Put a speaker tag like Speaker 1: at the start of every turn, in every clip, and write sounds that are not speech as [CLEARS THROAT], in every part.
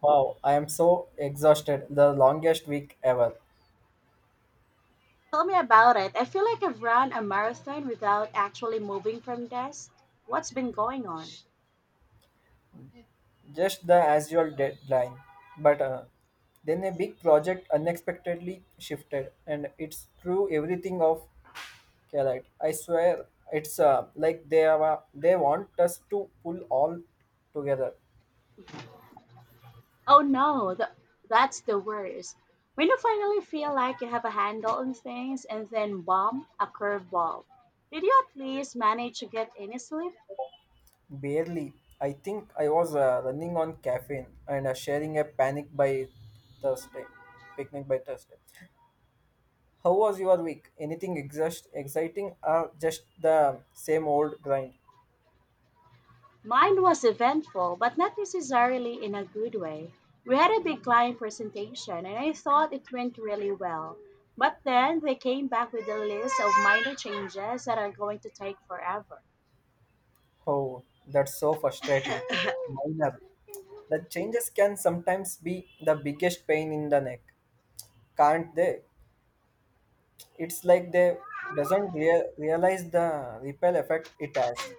Speaker 1: Wow, I am so exhausted. The longest week ever.
Speaker 2: Tell me about it. I feel like I've run a marathon without actually moving from desk. What's been going on?
Speaker 1: Just the as usual deadline. But Then a big project unexpectedly shifted and it's threw everything off Calite. I swear it's like they want us to pull all together.
Speaker 2: Oh no, that's the worst. When you finally feel like you have a handle on things and then bomb a curveball. Did you at least manage to get any sleep?
Speaker 1: Barely. I think I was running on caffeine and sharing a panic by Thursday. Picnic by Thursday. How was your week? Anything exciting or just the same old grind?
Speaker 2: Mine was eventful, but not necessarily in a good way. We had a big client presentation and I thought it went really well. But then they came back with a list of minor changes that are going to take forever.
Speaker 1: Oh, that's so frustrating. Minor. The changes can sometimes be the biggest pain in the neck, can't they? It's like they doesn't realize the ripple effect it has.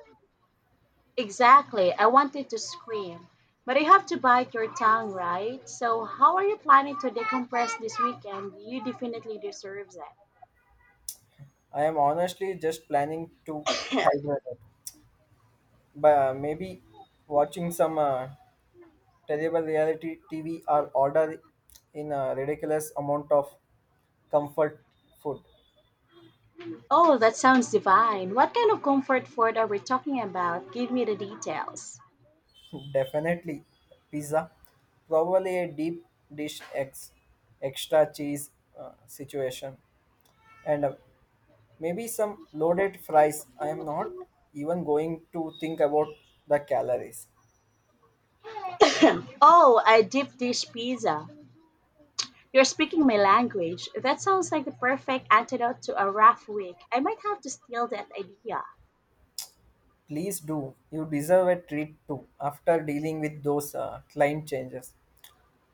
Speaker 2: Exactly. I wanted to scream. But you have to bite your tongue, right? So, how are you planning to decompress this weekend? You definitely deserve it.
Speaker 1: I am honestly just planning to hibernate, but maybe watching some terrible reality TV are ordered in a ridiculous amount of comfort food.
Speaker 2: Oh, that sounds divine. What kind of comfort food are we talking about? Give me the details.
Speaker 1: [LAUGHS] Definitely pizza, probably a deep dish extra cheese situation, and maybe some loaded fries. I am not even going to think about the calories.
Speaker 2: [CLEARS THROAT] Oh, a deep dish pizza. You're speaking my language. That sounds like the perfect antidote to a rough week. I might have to steal that idea.
Speaker 1: Please do. You deserve a treat too after dealing with those client changes.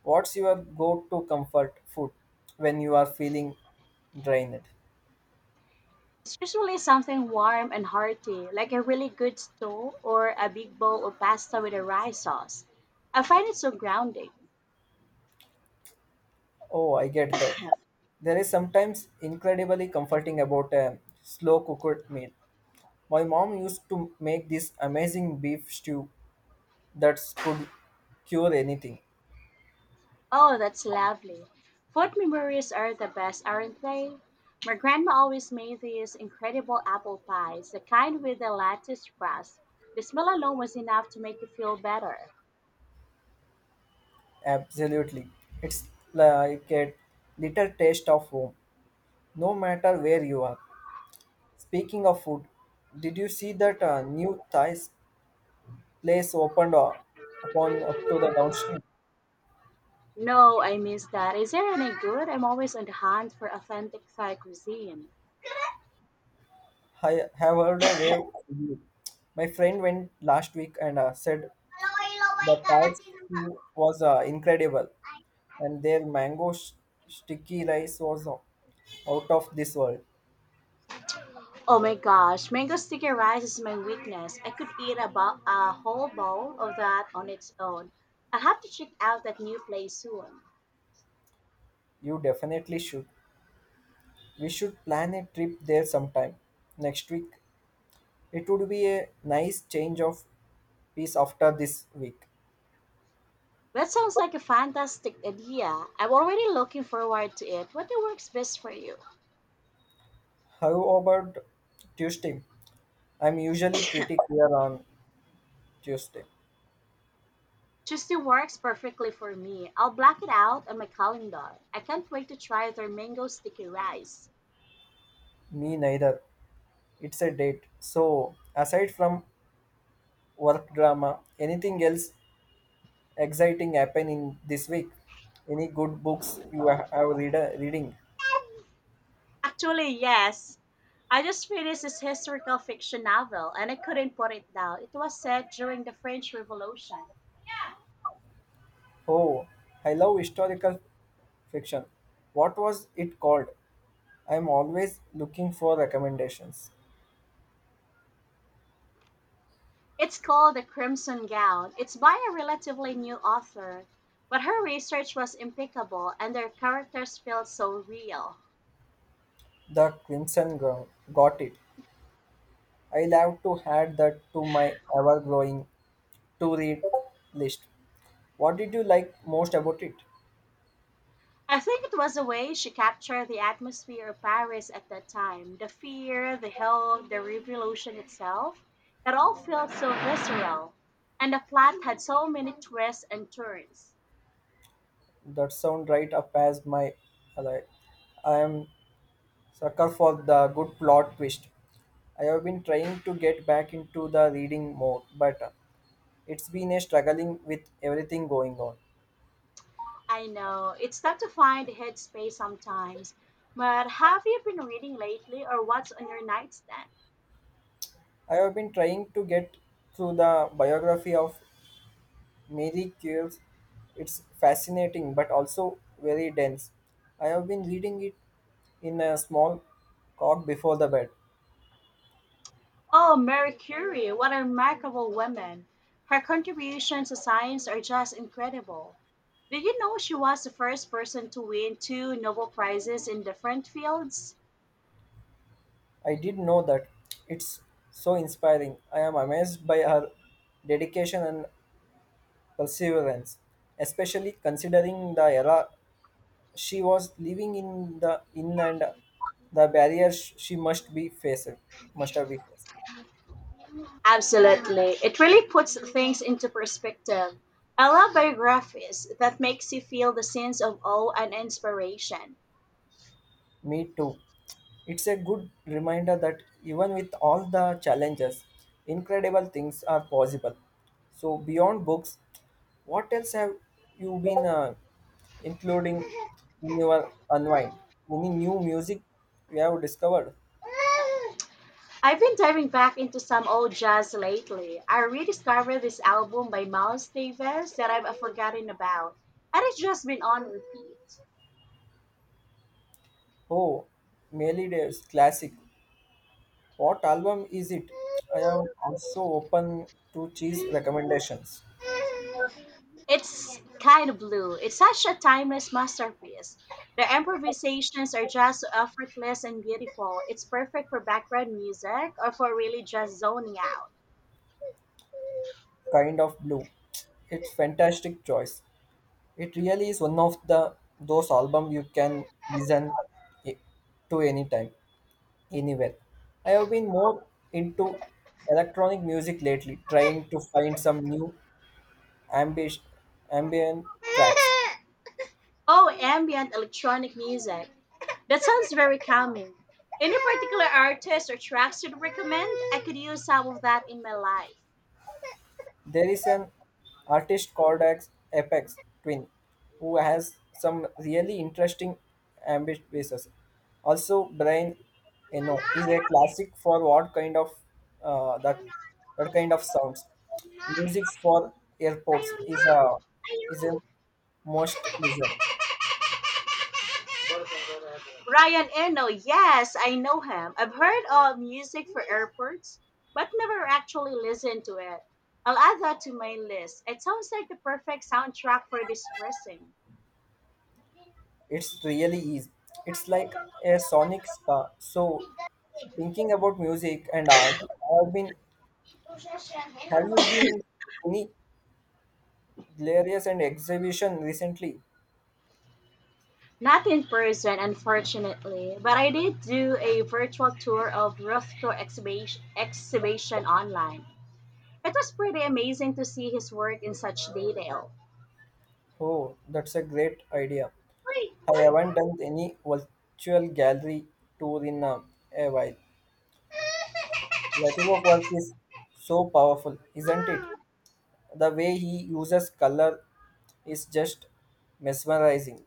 Speaker 1: What's your go to comfort food when you are feeling drained?
Speaker 2: It's usually something warm and hearty, like a really good stew or a big bowl of pasta with a rye sauce. I find it so grounding.
Speaker 1: Oh, I get that. There is sometimes incredibly comforting about a slow cooked meal. My mom used to make this amazing beef stew that could cure anything.
Speaker 2: Oh, that's lovely. Food memories are the best, aren't they? My grandma always made these incredible apple pies, the kind with the lattice crust. The smell alone was enough to make you feel better.
Speaker 1: Absolutely. It's like a little taste of home, no matter where you are. Speaking of food, did you see that new Thai place opened upon up to the downstream?
Speaker 2: No, I miss that. Is there any good? I'm always on the hunt for authentic Thai cuisine.
Speaker 1: I have heard a wave. Review. My friend went last week and said the Pats stew was incredible, and their sticky rice was out of this world.
Speaker 2: Oh my gosh, mango sticky rice is my weakness. I could eat about a whole bowl of that on its own. I'll have to check out that new place soon.
Speaker 1: You definitely should. We should plan a trip there sometime next week. It would be a nice change of pace after this week.
Speaker 2: That sounds like a fantastic idea. I'm already looking forward to it. What day works best for you?
Speaker 1: How about Tuesday? I'm usually pretty clear on Tuesday.
Speaker 2: Tuesday works perfectly for me. I'll block it out on my calendar. I can't wait to try their mango sticky rice.
Speaker 1: Me neither. It's a date. So, aside from work drama, anything else exciting happen in this week? Any good books you have reading?
Speaker 2: Actually, yes. I just finished this historical fiction novel and I couldn't put it down. It was set during the French Revolution.
Speaker 1: Oh, I love historical fiction. What was it called? I am always looking for recommendations.
Speaker 2: It's called The Crimson Gown. It's by a relatively new author, but her research was impeccable and their characters felt so real.
Speaker 1: The Crimson Gown. Got it. I'll have to add that to my ever growing to read list. What did you like most about it?
Speaker 2: I think it was the way she captured the atmosphere of Paris at that time the fear, the hope, the revolution itself. It all felt so visceral, and the plot had so many twists and turns.
Speaker 1: That sound right up as my alley. I am sucker for the good plot twist. I have been trying to get back into the reading mode, but it's been a struggling with everything going on.
Speaker 2: I know it's tough to find headspace sometimes, but have you been reading lately or what's on your nightstand?
Speaker 1: I have been trying to get through the biography of Mary Curie. It's fascinating, but also very dense. I have been reading it in a small cock before the bed.
Speaker 2: Oh, Marie Curie, what a remarkable woman. Her contributions to science are just incredible. Did you know she was the first person to win two Nobel Prizes in different fields?
Speaker 1: I did know that. It's so inspiring. I am amazed by her dedication and perseverance, especially considering the era she was living in and the barriers she must be faced must have been faced.
Speaker 2: Absolutely. It really puts things into perspective. I love biographies that makes you feel the sense of awe and inspiration.
Speaker 1: Me too. It's a good reminder that even with all the challenges, incredible things are possible. So, beyond books, what else have you been including in your unwind? Any new music you have discovered?
Speaker 2: I've been diving back into some old jazz lately. I rediscovered this album by Miles Davis that I've forgotten about, and it's just been on repeat.
Speaker 1: Oh, Melly Davis, classic. What album is it? I am also open to cheese recommendations.
Speaker 2: It's kind of blue. It's such a timeless masterpiece. The improvisations are just so effortless and beautiful. It's perfect for background music or for really just zoning out.
Speaker 1: Kind of Blue. It's fantastic choice. It really is one of the those albums you can listen i- to anytime, anywhere. I have been more into electronic music lately, trying to find some new ambient ambient tracks.
Speaker 2: Oh, ambient electronic music. That sounds very calming. Any particular artist or tracks you'd recommend? I could use some of that in my life.
Speaker 1: There is an artist called as Apex Twin who has some really interesting ambitious. Also, Brian Eno is a classic for uh, the what kind of sounds. Music for airports is a most listen.
Speaker 2: Ryan Eno, yes, I know him. I've heard of Music for Airports, but never actually listened to it. I'll add that to my list. It sounds like the perfect soundtrack for distressing.
Speaker 1: It's really is. It's like a sonic spa. So thinking about music and art, I've been have you been any Hilarious and exhibition recently.
Speaker 2: Not in person, unfortunately, but I did do a virtual tour of Rothko exhibition online. It was pretty amazing to see his work in such detail.
Speaker 1: Oh, that's a great idea. I haven't done any virtual gallery tour in a while. Creative work is so powerful, isn't it? The way he uses color is just mesmerizing.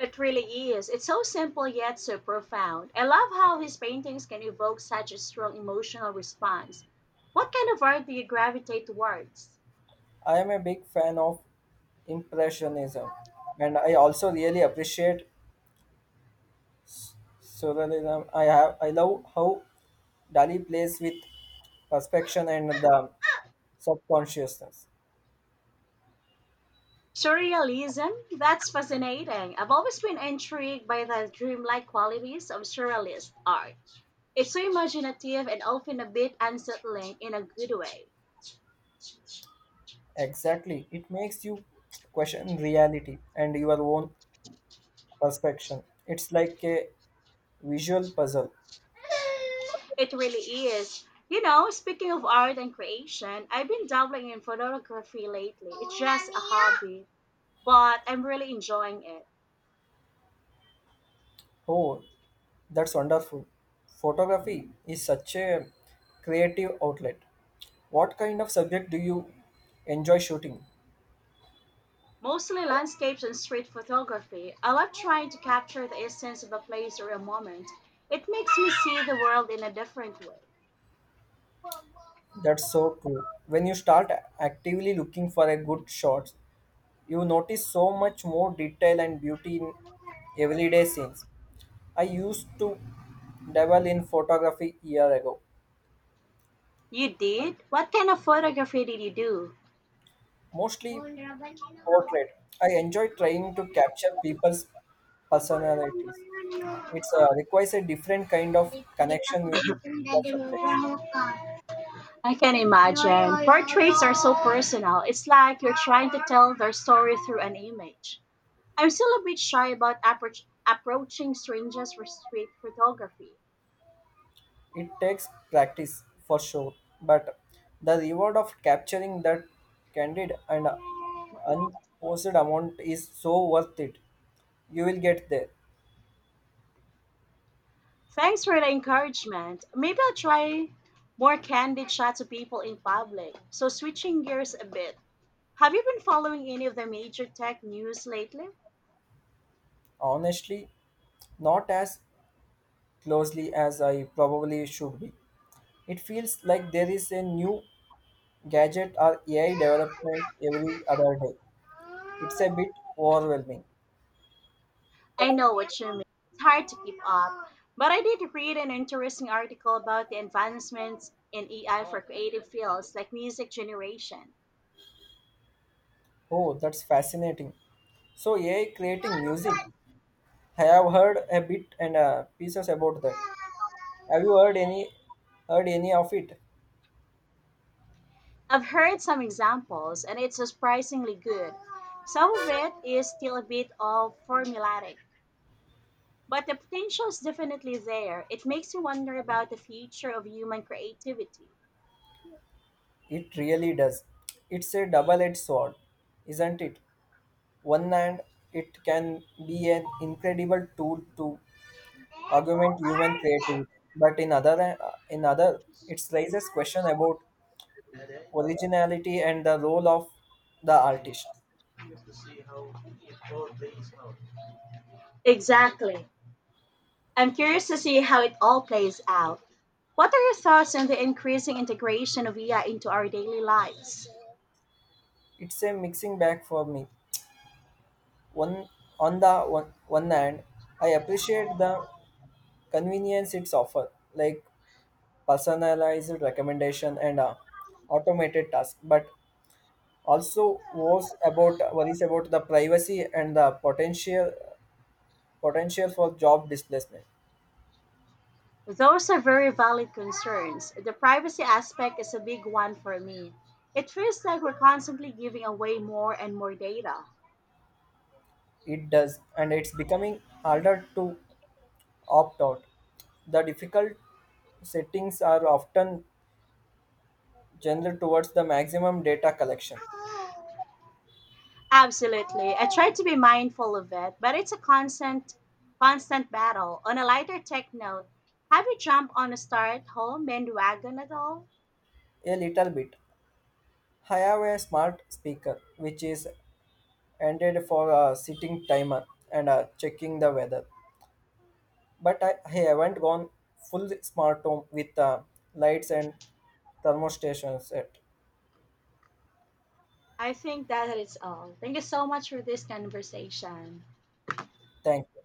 Speaker 2: It really is. It's so simple yet so profound. I love how his paintings can evoke such a strong emotional response. What kind of art do you gravitate towards?
Speaker 1: I am a big fan of Impressionism, and I also really appreciate So I love how Dali plays with perception and the subconsciousness.
Speaker 2: Surrealism? That's fascinating. I've always been intrigued by the dreamlike qualities of surrealist art. It's so imaginative and often a bit unsettling in a good way.
Speaker 1: Exactly, it makes you question reality and your own perception. It's like a visual puzzle.
Speaker 2: It really is. You know, speaking of art and creation, I've been dabbling in photography lately. It's just a hobby, but I'm really enjoying it.
Speaker 1: Oh, that's wonderful. Photography is such a creative outlet. What kind of subject do you enjoy shooting?
Speaker 2: Mostly landscapes and street photography. I love trying to capture the essence of a place or a moment. It makes me see the world in a different way.
Speaker 1: That's so true. When you start actively looking for a good shot, you notice so much more detail and beauty in everyday scenes. I used to dabble in photography year ago,
Speaker 2: You did? What kind of photography did you do?
Speaker 1: mostly portrait. I enjoy trying to capture people's personalities. It requires a different kind of connection with the subjects.
Speaker 2: I can imagine. Portraits are so personal. It's like you're trying to tell their story through an image. I'm still a bit shy about approaching strangers for street photography.
Speaker 1: It takes practice for sure, but the reward of capturing that candid and unposed amount is so worth it. You will get there.
Speaker 2: Thanks for the encouragement. Maybe I'll try more candid shots of people in public. So, switching gears a bit, have you been following any of the major tech news lately?
Speaker 1: Honestly, not as closely as I probably should be. It feels like there is a new gadget or AI development every other day. It's a bit overwhelming.
Speaker 2: I know what you mean. It's hard to keep up. But I did read an interesting article about the advancements in AI for creative fields like music generation.
Speaker 1: Oh, that's fascinating. So AI creating music. I have heard a bit and pieces about that. Have you heard any of it?
Speaker 2: I've heard some examples, and it's surprisingly good. Some of it is still a bit of formulaic, but the potential is definitely there. It makes you wonder about the future of human creativity.
Speaker 1: It really does. It's a double-edged sword, isn't it? One hand, it can be an incredible tool to augment human creativity, but in other, it raises question about originality and the role of the artist.
Speaker 2: Exactly. I'm curious to see how it all plays out. What are your thoughts on the increasing integration of AI into our daily lives?
Speaker 1: It's a mixing bag for me. One on the one, one hand, I appreciate the convenience it's offer, like personalized recommendation and automated tasks, but also worries about the privacy and the potential for job displacement.
Speaker 2: Those are very valid concerns. The privacy aspect is a big one for me. It feels like we're constantly giving away more and more data.
Speaker 1: It does, and it's becoming harder to opt out. The difficult settings are often general towards the maximum data collection.
Speaker 2: Absolutely. I try to be mindful of it, but it's a constant battle. On a lighter tech note, have you jumped on a start home bandwagon at all?
Speaker 1: A little bit. I have a smart speaker which is intended for a sitting timer and checking the weather but I haven't gone full smart home with lights and thermostations yet.
Speaker 2: I think that is all. Thank you so much for this conversation.
Speaker 1: Thank you.